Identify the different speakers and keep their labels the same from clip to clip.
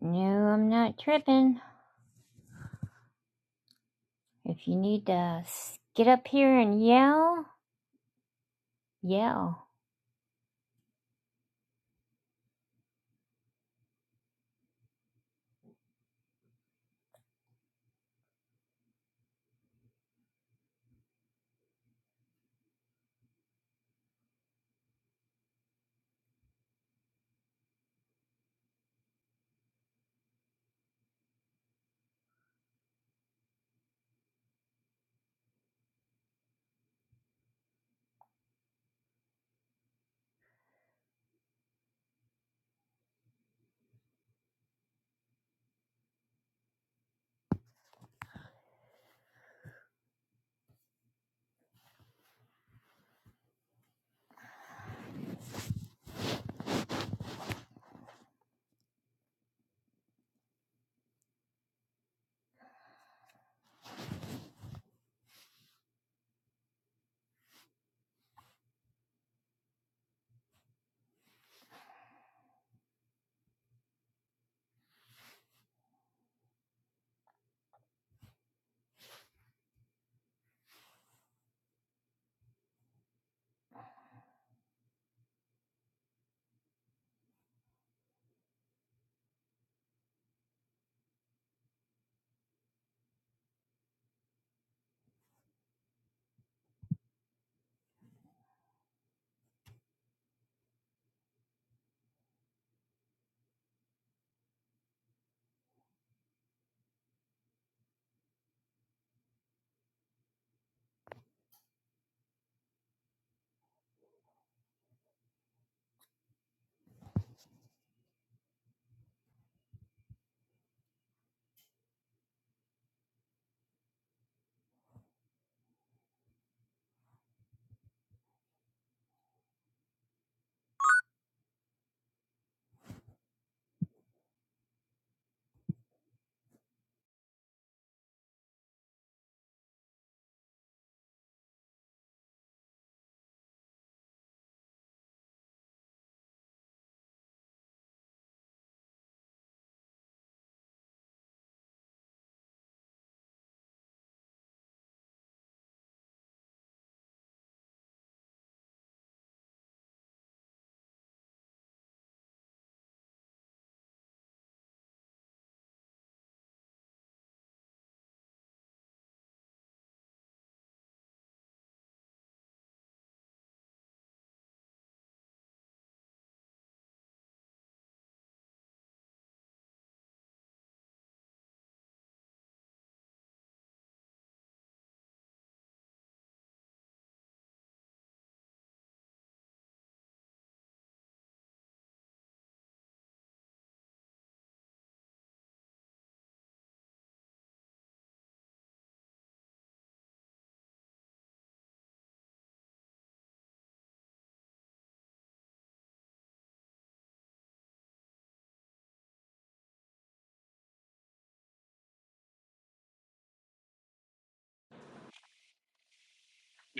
Speaker 1: No, I'm not tripping. If you need to get up here and yell, yell.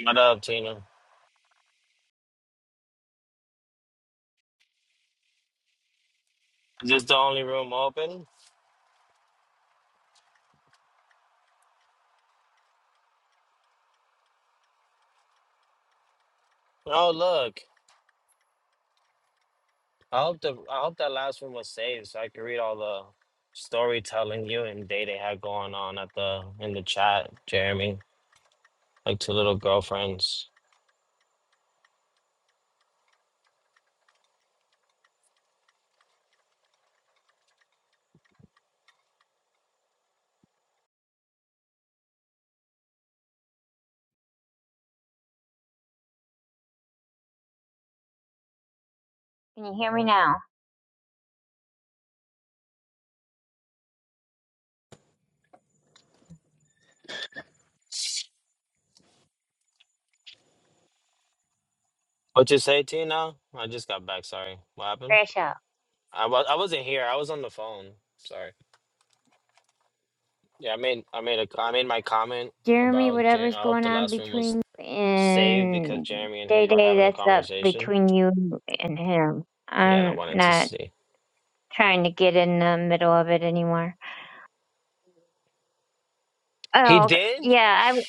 Speaker 2: What up, Tina? Is this the only room open? Oh, look. I hope the I hope that last room was saved so I could read all the storytelling you and Day Day had going on at the in the chat, Jeremy. Like two little girlfriends.
Speaker 1: Can you hear me now?
Speaker 2: What you say, Tina? I just got back. Sorry. What happened?
Speaker 1: Crash out.
Speaker 2: I was I wasn't here. I was on the phone. Sorry. Yeah, I made I made a I made my comment
Speaker 1: Jeremy,
Speaker 2: about. Ja-
Speaker 1: whatever's
Speaker 2: I hope
Speaker 1: going
Speaker 2: the
Speaker 1: on
Speaker 2: last room was
Speaker 1: between you
Speaker 2: saved because
Speaker 1: and
Speaker 2: Jeremy and
Speaker 1: Day
Speaker 2: him were
Speaker 1: Day,
Speaker 2: having a
Speaker 1: that's up
Speaker 2: conversation.
Speaker 1: between you and him.
Speaker 2: Yeah, and I
Speaker 1: I'm
Speaker 2: wanted to
Speaker 1: not
Speaker 2: see.
Speaker 1: trying to get in the middle of it anymore.
Speaker 2: He
Speaker 1: Oh, okay.
Speaker 2: did?
Speaker 1: yeah, I,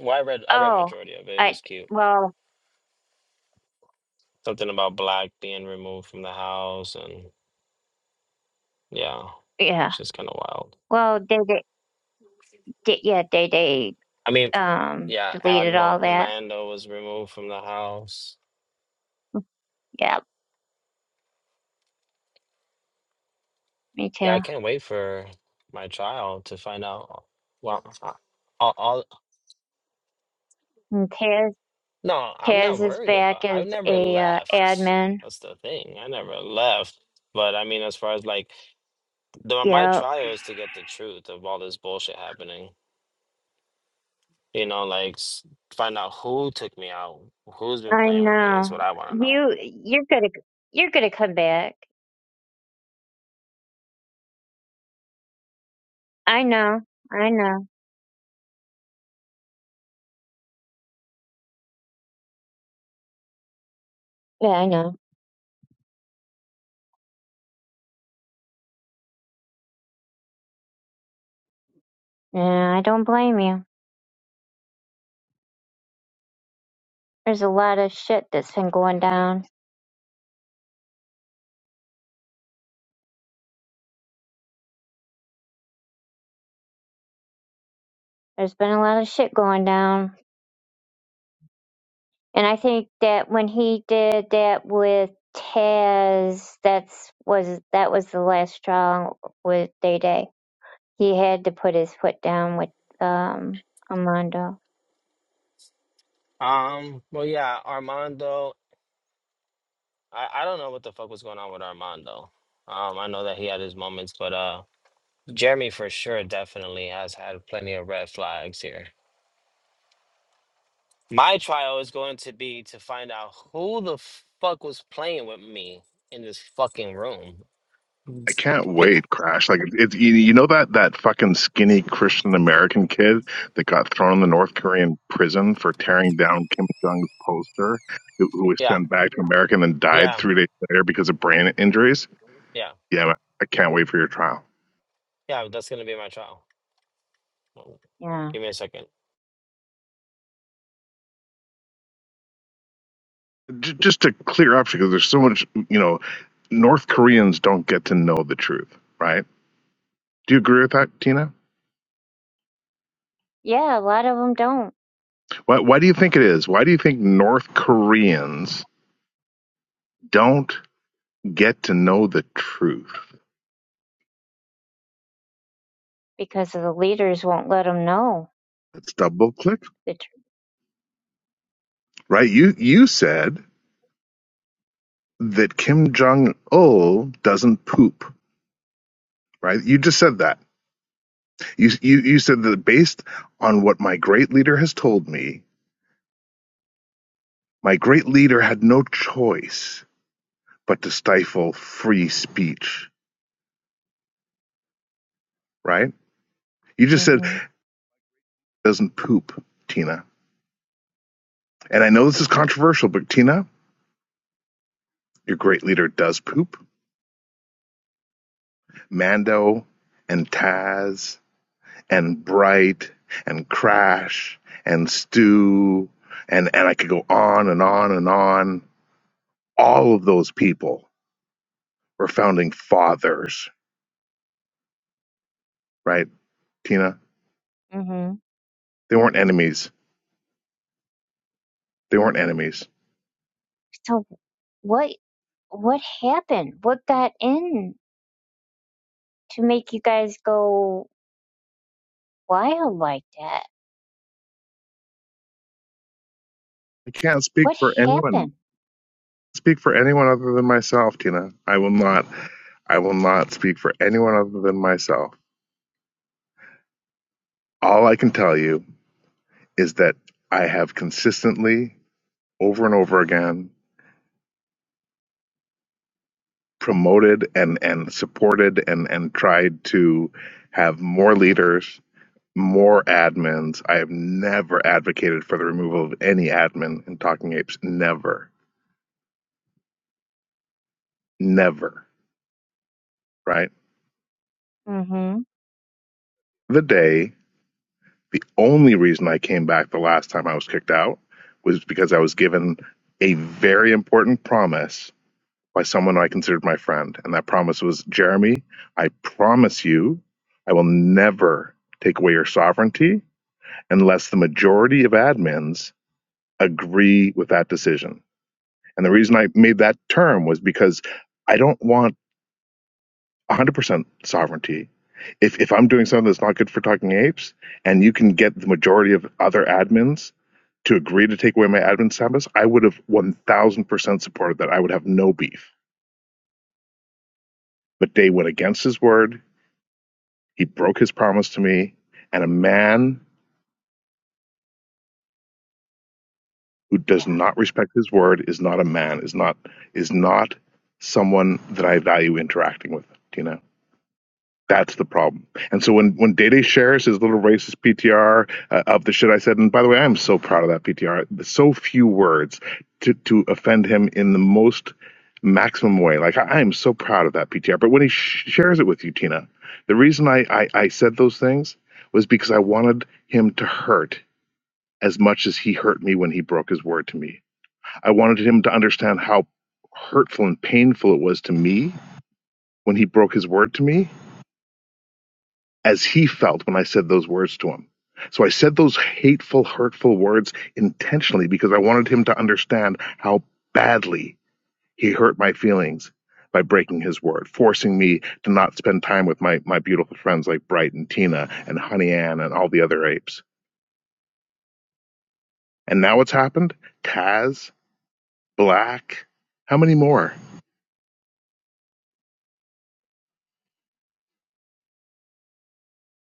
Speaker 2: Well, I read I read
Speaker 1: oh,
Speaker 2: majority of it. It
Speaker 1: I,
Speaker 2: was cute.
Speaker 1: well,
Speaker 2: Something about black being removed from the house, and yeah,
Speaker 1: yeah.
Speaker 2: it's just kind of wild.
Speaker 1: Well, Day Day, Day- yeah, Day Day,
Speaker 2: I mean,
Speaker 1: um,
Speaker 2: yeah,
Speaker 1: deleted all
Speaker 2: Admiral
Speaker 1: that.
Speaker 2: Mando was removed from the house.
Speaker 1: Yeah, me
Speaker 2: Yeah, I
Speaker 1: too.
Speaker 2: can't wait for my child to find out. Well, I- all, all
Speaker 1: Okay.
Speaker 2: no, I'm not
Speaker 1: Taz is
Speaker 2: worried
Speaker 1: back
Speaker 2: about. I
Speaker 1: as
Speaker 2: never
Speaker 1: a uh,
Speaker 2: left.
Speaker 1: admin.
Speaker 2: That's the thing. I never left. But I mean, as far as like the, my
Speaker 1: Yep,
Speaker 2: trial is to get the truth of all this bullshit happening. You know, like s- find out who took me out, who's been
Speaker 1: I
Speaker 2: playing with me is
Speaker 1: know.
Speaker 2: what I want to know.
Speaker 1: You you're gonna you're gonna come back. I know. I know. Yeah, I know. Yeah, I don't blame you. There's a lot of shit that's been going down. There's been a lot of shit going down, and I think that when he did that with Taz, that's was that was the last straw with Day Day. He had to put his foot down with um Armando.
Speaker 2: Um, well, yeah, Armando. I I don't know what the fuck was going on with Armando. Um, I know that he had his moments, but uh, Jeremy for sure definitely has had plenty of red flags here. My trial is going to be to find out who the fuck was playing with me in this fucking room.
Speaker 3: I can't wait, Crash. Like it's you, you know that that fucking skinny Christian American kid that got thrown in the North Korean prison for tearing down Kim Jong's poster, who, who was
Speaker 2: yeah,
Speaker 3: sent back to America and then died
Speaker 2: yeah,
Speaker 3: three days later because of brain injuries.
Speaker 2: yeah,
Speaker 3: Yeah, man, I can't wait for your trial.
Speaker 2: yeah. That's gonna be my trial.
Speaker 1: Yeah
Speaker 2: Give me a second.
Speaker 3: J- just to clear up, because there's so much, you know, North Koreans don't get to know the truth, right? Do you agree with that, Tina?
Speaker 1: Yeah, a lot of them don't
Speaker 3: Why, why do you think it is? Why do you think North Koreans don't get to know the truth?
Speaker 1: because of the leaders won't let them know
Speaker 3: Let's double click.
Speaker 1: the truth.
Speaker 3: Right? You you said that Kim Jong Il doesn't poop. Right? You just said that. You you you said that based on what my great leader has told me, my great leader had no choice but to stifle free speech. Right? You just said
Speaker 1: Mhm.
Speaker 3: doesn't poop, Tina. And I know this is controversial, but Tina, your great leader does poop. Mando and Taz and bright and crash and stew and and I could go on and on and on. All of those people were founding fathers, right, Tina?
Speaker 1: Mhm.
Speaker 3: They weren't enemies. They weren't enemies.
Speaker 1: So what what happened? What got in to make you guys go wild like that?
Speaker 3: I can't speak
Speaker 1: What
Speaker 3: for anyone.
Speaker 1: happened?
Speaker 3: Speak for anyone other than myself, Tina. I will not I will not speak for anyone other than myself. All I can tell you is that I have consistently, over and over again, promoted and and supported and and tried to have more leaders more admins i have never advocated for the removal of any admin in talking apes never never right
Speaker 1: Mhm.
Speaker 3: the day the only reason i came back the last time i was kicked out was because i was given a very important promise by someone i considered my friend and that promise was jeremy i promise you i will never take away your sovereignty unless the majority of admins agree with that decision. And the reason I made that term was because I don't want 100% sovereignty. If, if I'm doing something that's not good for talking apes and you can get the majority of other admins to agree to take away my admin status, I would have 1000% supported that. I would have no beef. But Day went against his word. He broke his promise to me. And a man who
Speaker 1: Yeah.
Speaker 3: does not respect his word is not a man is not is not someone that i value interacting with you know that's the problem and so when when Dede shares his little racist ptr uh, of the shit i said and by the way i'm so proud of that ptr so few words to to offend him in the most maximum way like i, I am so proud of that ptr but when he sh- shares it with you tina the reason I, I i said those things was because i wanted him to hurt as much as he hurt me when he broke his word to me I wanted him to understand how hurtful and painful it was to me when he broke his word to me, as he felt when I said those words to him. So I said those hateful, hurtful words intentionally because I wanted him to understand how badly he hurt my feelings by breaking his word, forcing me to not spend time with my, my beautiful friends like Bright and Tina and Honey Ann and all the other apes. And now what's happened? Taz, Black, how many more?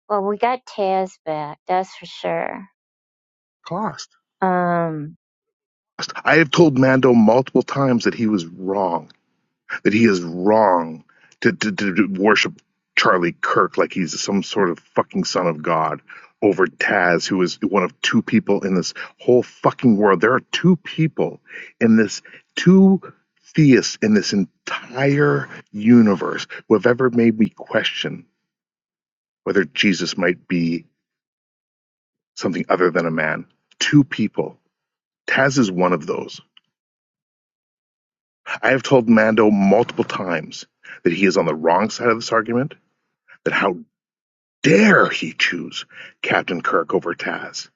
Speaker 1: Well, we got Taz back, that's for sure.
Speaker 3: Cost.
Speaker 1: Um
Speaker 3: I have told Mando multiple times that he was wrong, that he is wrong to, to, to, worship Charlie Kirk like he's some sort of fucking son of God over Taz, who is one of two people in this whole fucking world. There are two people in this, two theists in this entire universe who have ever made me question whether Jesus might be something other than a man. Two people. Taz is one of those. I have told Mando multiple times that he is on the wrong side of this argument, that how dare he choose Captain Kirk over Taz.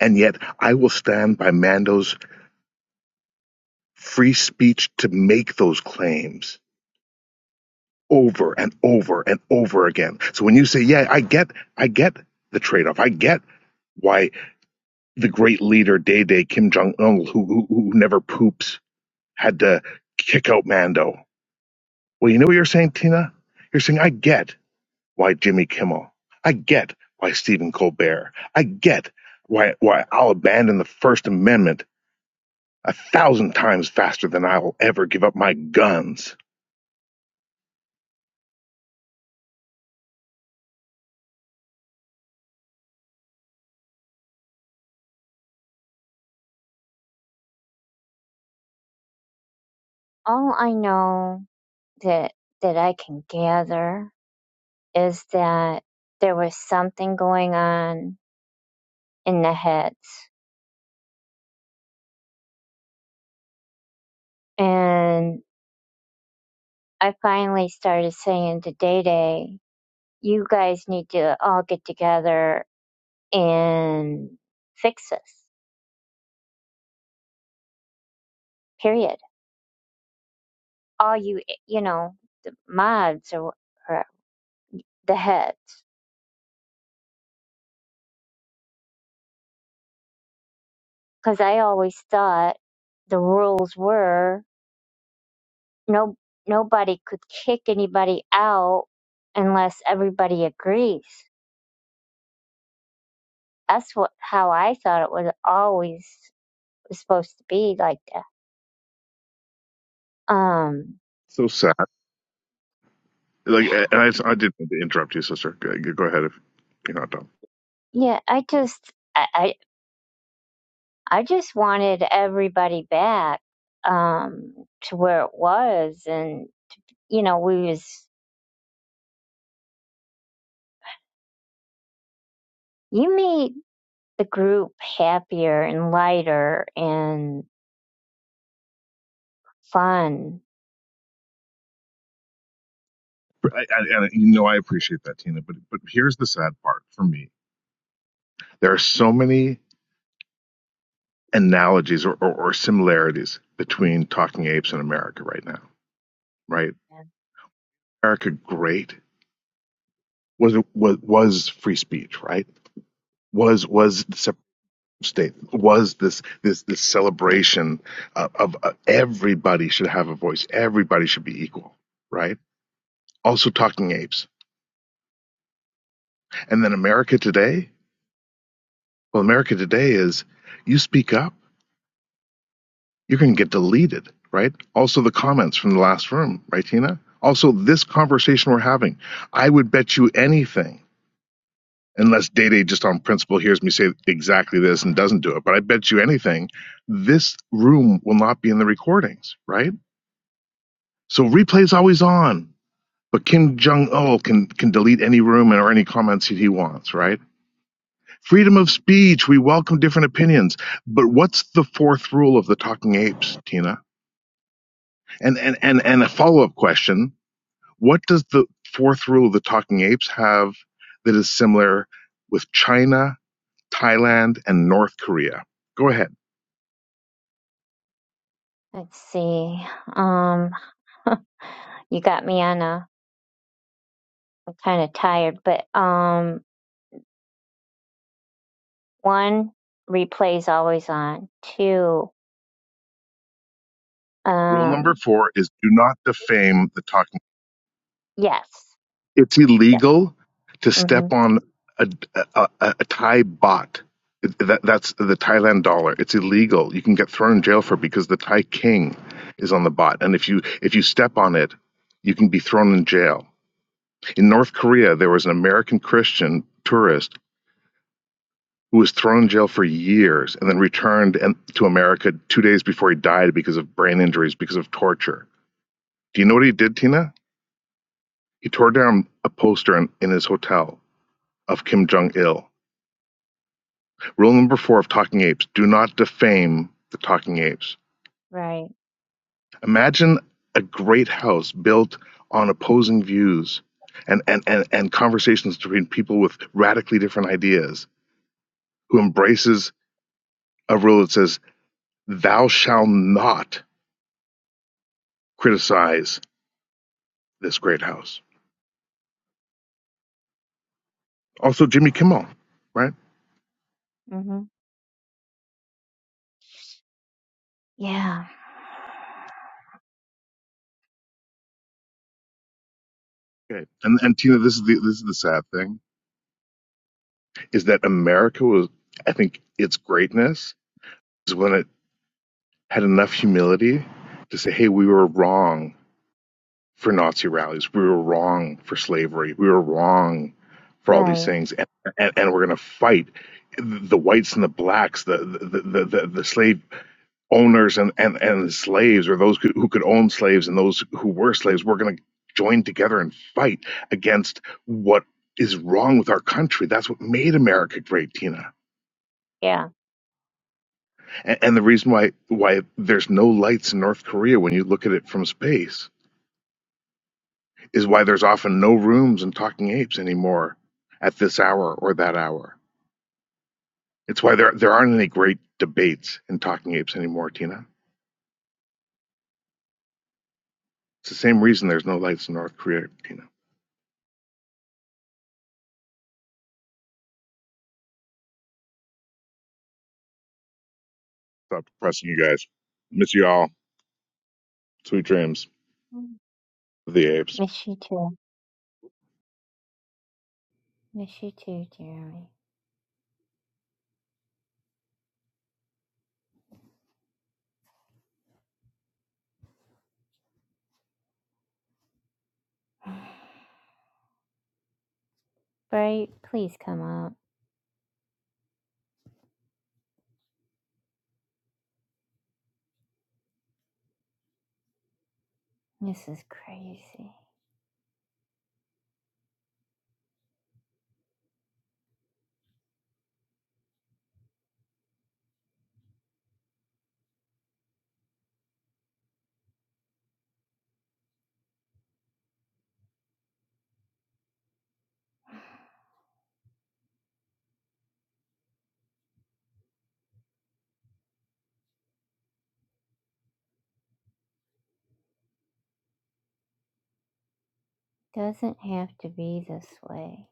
Speaker 3: And yet I will stand by Mando's free speech to make those claims over and over and over again. So when you say, yeah, I get, I get the trade-off. I get why the great leader Day Day Kim Jong Un, who, who who never poops, had to kick out Mando. Well, you know what you're saying, Tina. You're saying I get. why Jimmy Kimmel. I get why Stephen Colbert. I get why, why I'll abandon the First Amendment a thousand times faster than I will ever give up my guns.
Speaker 1: all I know that that I can gather is that there was something going on in the heads. and. I finally started saying to Day Day, you guys need to all get together and fix this, period. All you, you know, the mods or, or the heads. Because I always thought the rules were no nobody could kick anybody out unless everybody agrees. That's what how I thought it was always was supposed to be like that. Um,
Speaker 3: So sad. Like, and I, I didn't mean to interrupt you, sister. Go, ahead if you're not done.
Speaker 1: yeah, I just I, I I just wanted everybody back um, to where it was, and you know, we was you made the group happier and lighter and fun.
Speaker 3: I, I, and you know, I appreciate that, Tina. But but here's the sad part for me: there are so many analogies or, or, or similarities between Talking Apes and America right now. Right?
Speaker 1: Yeah.
Speaker 3: America, great was was was free speech, right? was
Speaker 1: yeah.
Speaker 3: was the separate state was this this this celebration of, of uh, everybody should have a voice everybody should be equal right also talking apes and then america today well america today is you speak up you're going to get deleted right also the comments from the last room right tina also this conversation we're having i would bet you anything unless Day Day just on principle hears me say exactly this and doesn't do it. But I bet you anything, this room will not be in the recordings, right? So replay's always on. But Kim Jong Il can can delete any room or any comments that he wants, right? Freedom of speech. We welcome different opinions. But what's the fourth rule of the Talking Apes, Tina? And and and and a follow up question: What does the fourth rule of the Talking Apes have that is similar with China Thailand, and North Korea. Go ahead.
Speaker 1: Let's see. Um, you got me on a. I'm kind of tired, but um, one replays always on. Two.
Speaker 3: Rule number
Speaker 1: Um.
Speaker 3: four is do not defame the talking.
Speaker 1: Yes.
Speaker 3: It's
Speaker 1: Yep.
Speaker 3: illegal to
Speaker 1: Mhm.
Speaker 3: step on a, a, a, a Thai bot. That, that's the Thailand dollar. It's illegal. You can get thrown in jail for it because the Thai king is on the bot, and if you if you step on it, you can be thrown in jail. In North Korea, there was an American Christian tourist who was thrown in jail for years and then returned and, to America two days before he died because of brain injuries, because of torture. Do you know what he did, Tina? He tore down a poster in, in his hotel of Kim Jong il. Rule number four of Talking Apes do not defame the Talking Apes.
Speaker 1: Right.
Speaker 3: Imagine a great house built on opposing views and, and, and, and conversations between people with radically different ideas who embraces a rule that says, Thou shalt not criticize this great house. Also, Jimmy Kimmel, right?
Speaker 1: Mhm. Yeah.
Speaker 3: Okay. And and Tina, this is the this is the sad thing. Is that America was, I think, its greatness is when it had enough humility to say, hey, we were wrong for Nazi rallies. We were wrong for slavery. We were wrong for all these
Speaker 1: Right.
Speaker 3: things. And, and, and we're going to fight the whites and the blacks, the, the, the, the, the slave owners and, and, and slaves, or those who could own slaves and those who were slaves, we're going to join together and fight against what is wrong with our country. That's what made America great, Tina.
Speaker 1: Yeah.
Speaker 3: And, and the reason why why there's no lights in North Korea when you look at it from space is why there's often no rooms in Talking Apes anymore at this hour or that hour. It's why there there aren't any great debates in Talking Apes anymore, Tina. It's the same reason there's no lights in North Korea, Tina. Stop depressing you guys. Miss you all. Sweet dreams
Speaker 1: Mm.
Speaker 3: the apes.
Speaker 1: Miss you too. Miss you too, Jeremy. Bright, please come up. This is crazy. Doesn't have to be this way.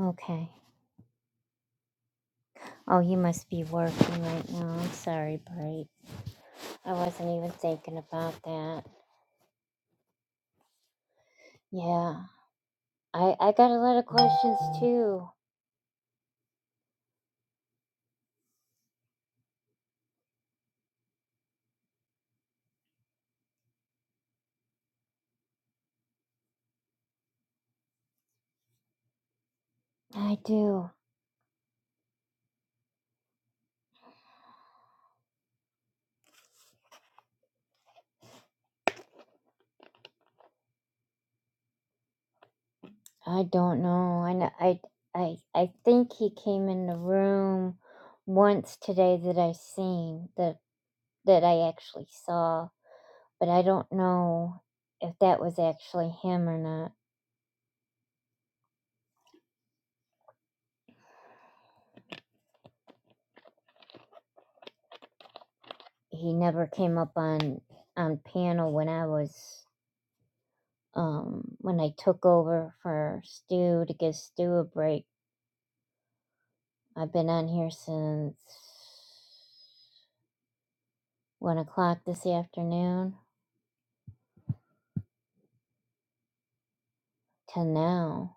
Speaker 1: Okay. Oh, you must be working right now. I'm sorry, Bright. I wasn't even thinking about that. Yeah. I, I got a lot of questions too. I do. I don't know. I, kn- I, I, I think he came in the room once today that I seen that that I actually saw. but I don't know if that was actually him or not. He never came up on on panel when I was um when I took over for Stu to give Stu a break. I've been on here since one o'clock this afternoon till now.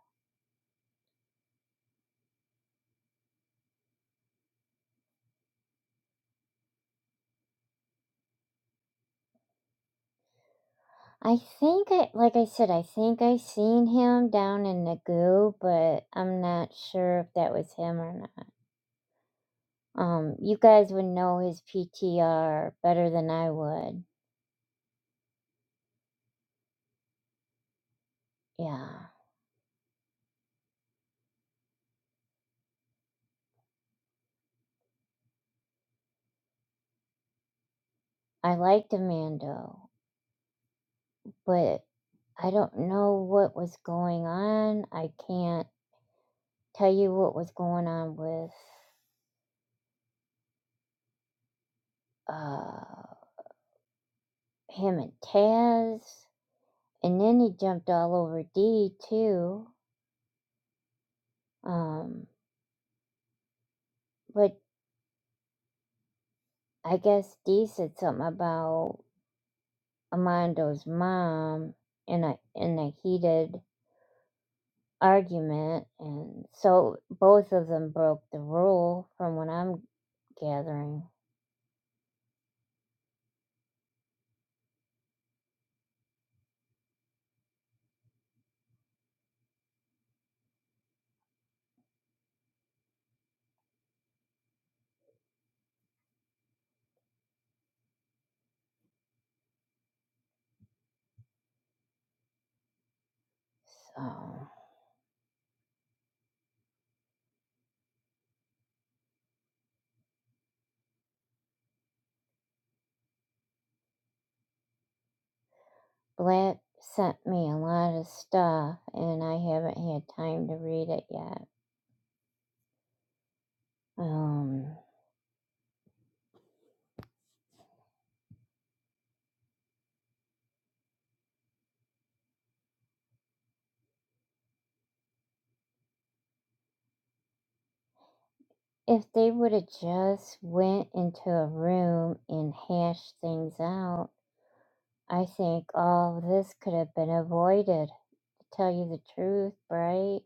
Speaker 1: I think I like I said, I think I seen him down in the goo, but I'm not sure if that was him or not. Um, you guys would know his PTR better than I would. Yeah, I liked Amando, but I don't know what was going on. I can't tell you what was going on with uh him and Taz. And then he jumped all over D too. Um, but I guess D said something about Amando's mom in a in a heated argument and so both of them broke the rule from what I'm gathering. So, Blant sent me a lot of stuff, and I haven't had time to read it yet. Um, if they would have just went into a room and hashed things out, I think all of this could have been avoided. To tell you the truth, right?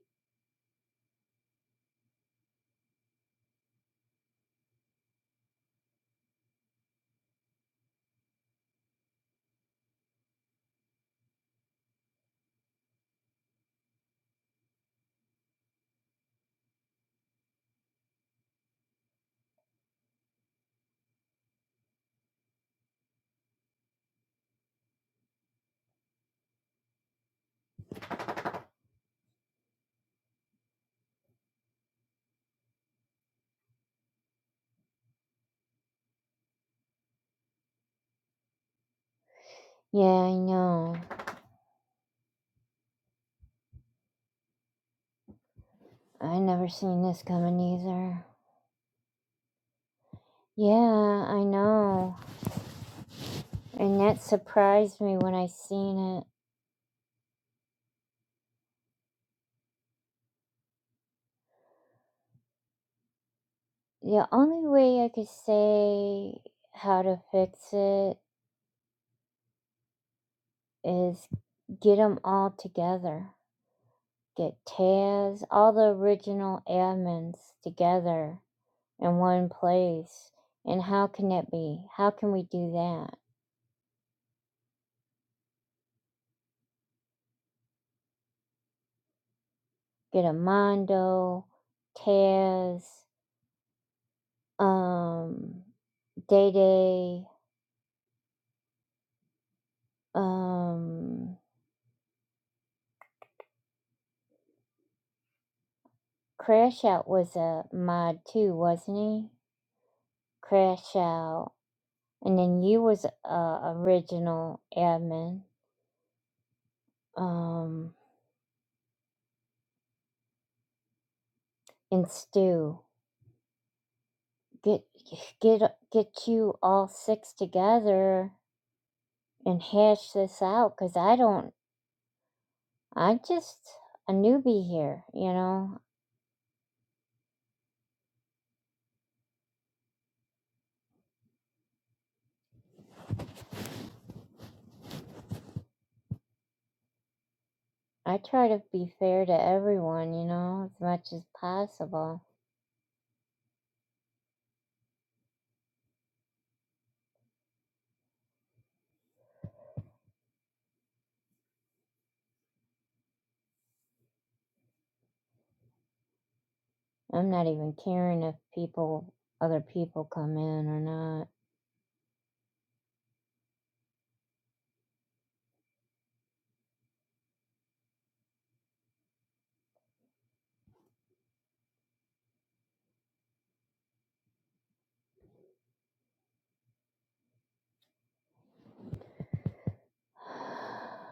Speaker 1: Yeah, I know. I never seen this coming either. Yeah, I know. And that surprised me when I seen it. The only way I could say how to fix it is get them all together. Get Taz, all the original admins together in one place. And how can it be? How can we do that? Get Amando, Taz, um, Day Day, um, Crash Out was a mod too, wasn't he? Crash Out and then you was uh original admin um and Stu get get get you all six together and hash this out cuz I don't I'm just a newbie here, you know. I try to be fair to everyone, you know, as much as possible. I'm not even caring if people other people come in or not.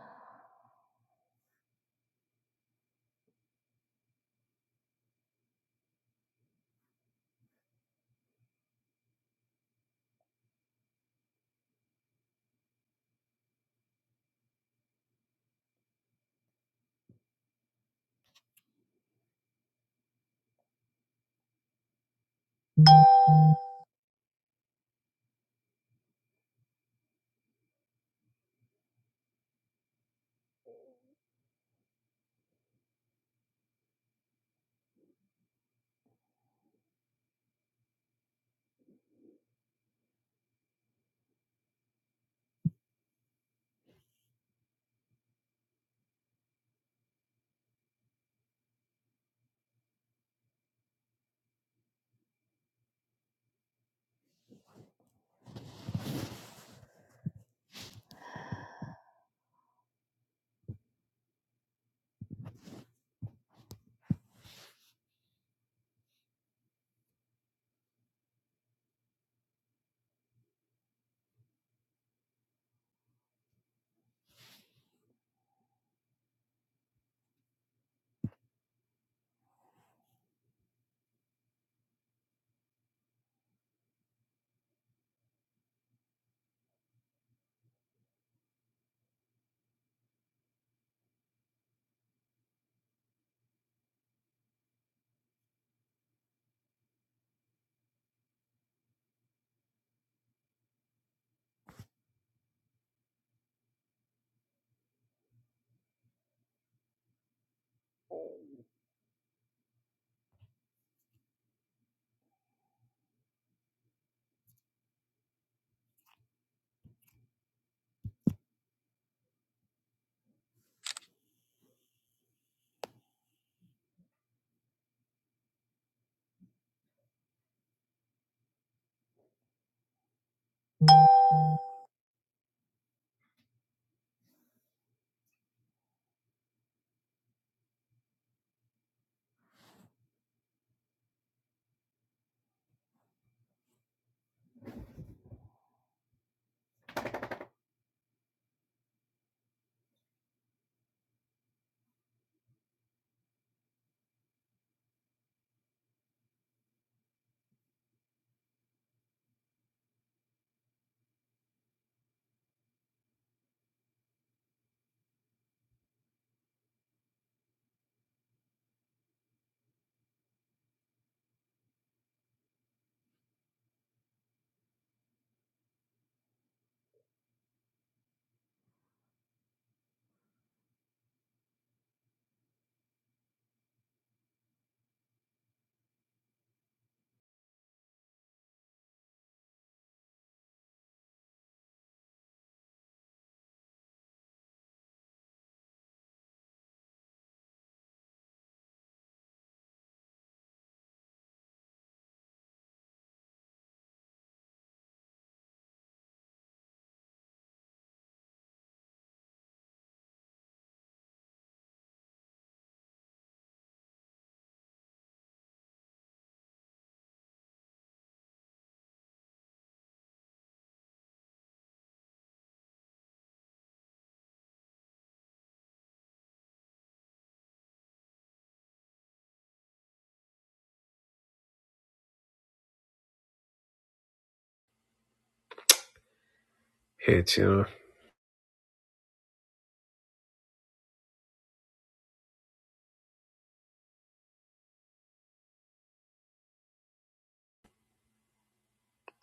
Speaker 4: Hey Tina.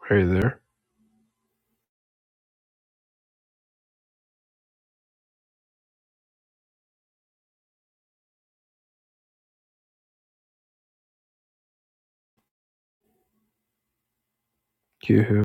Speaker 4: Hey there. Yoo-hoo.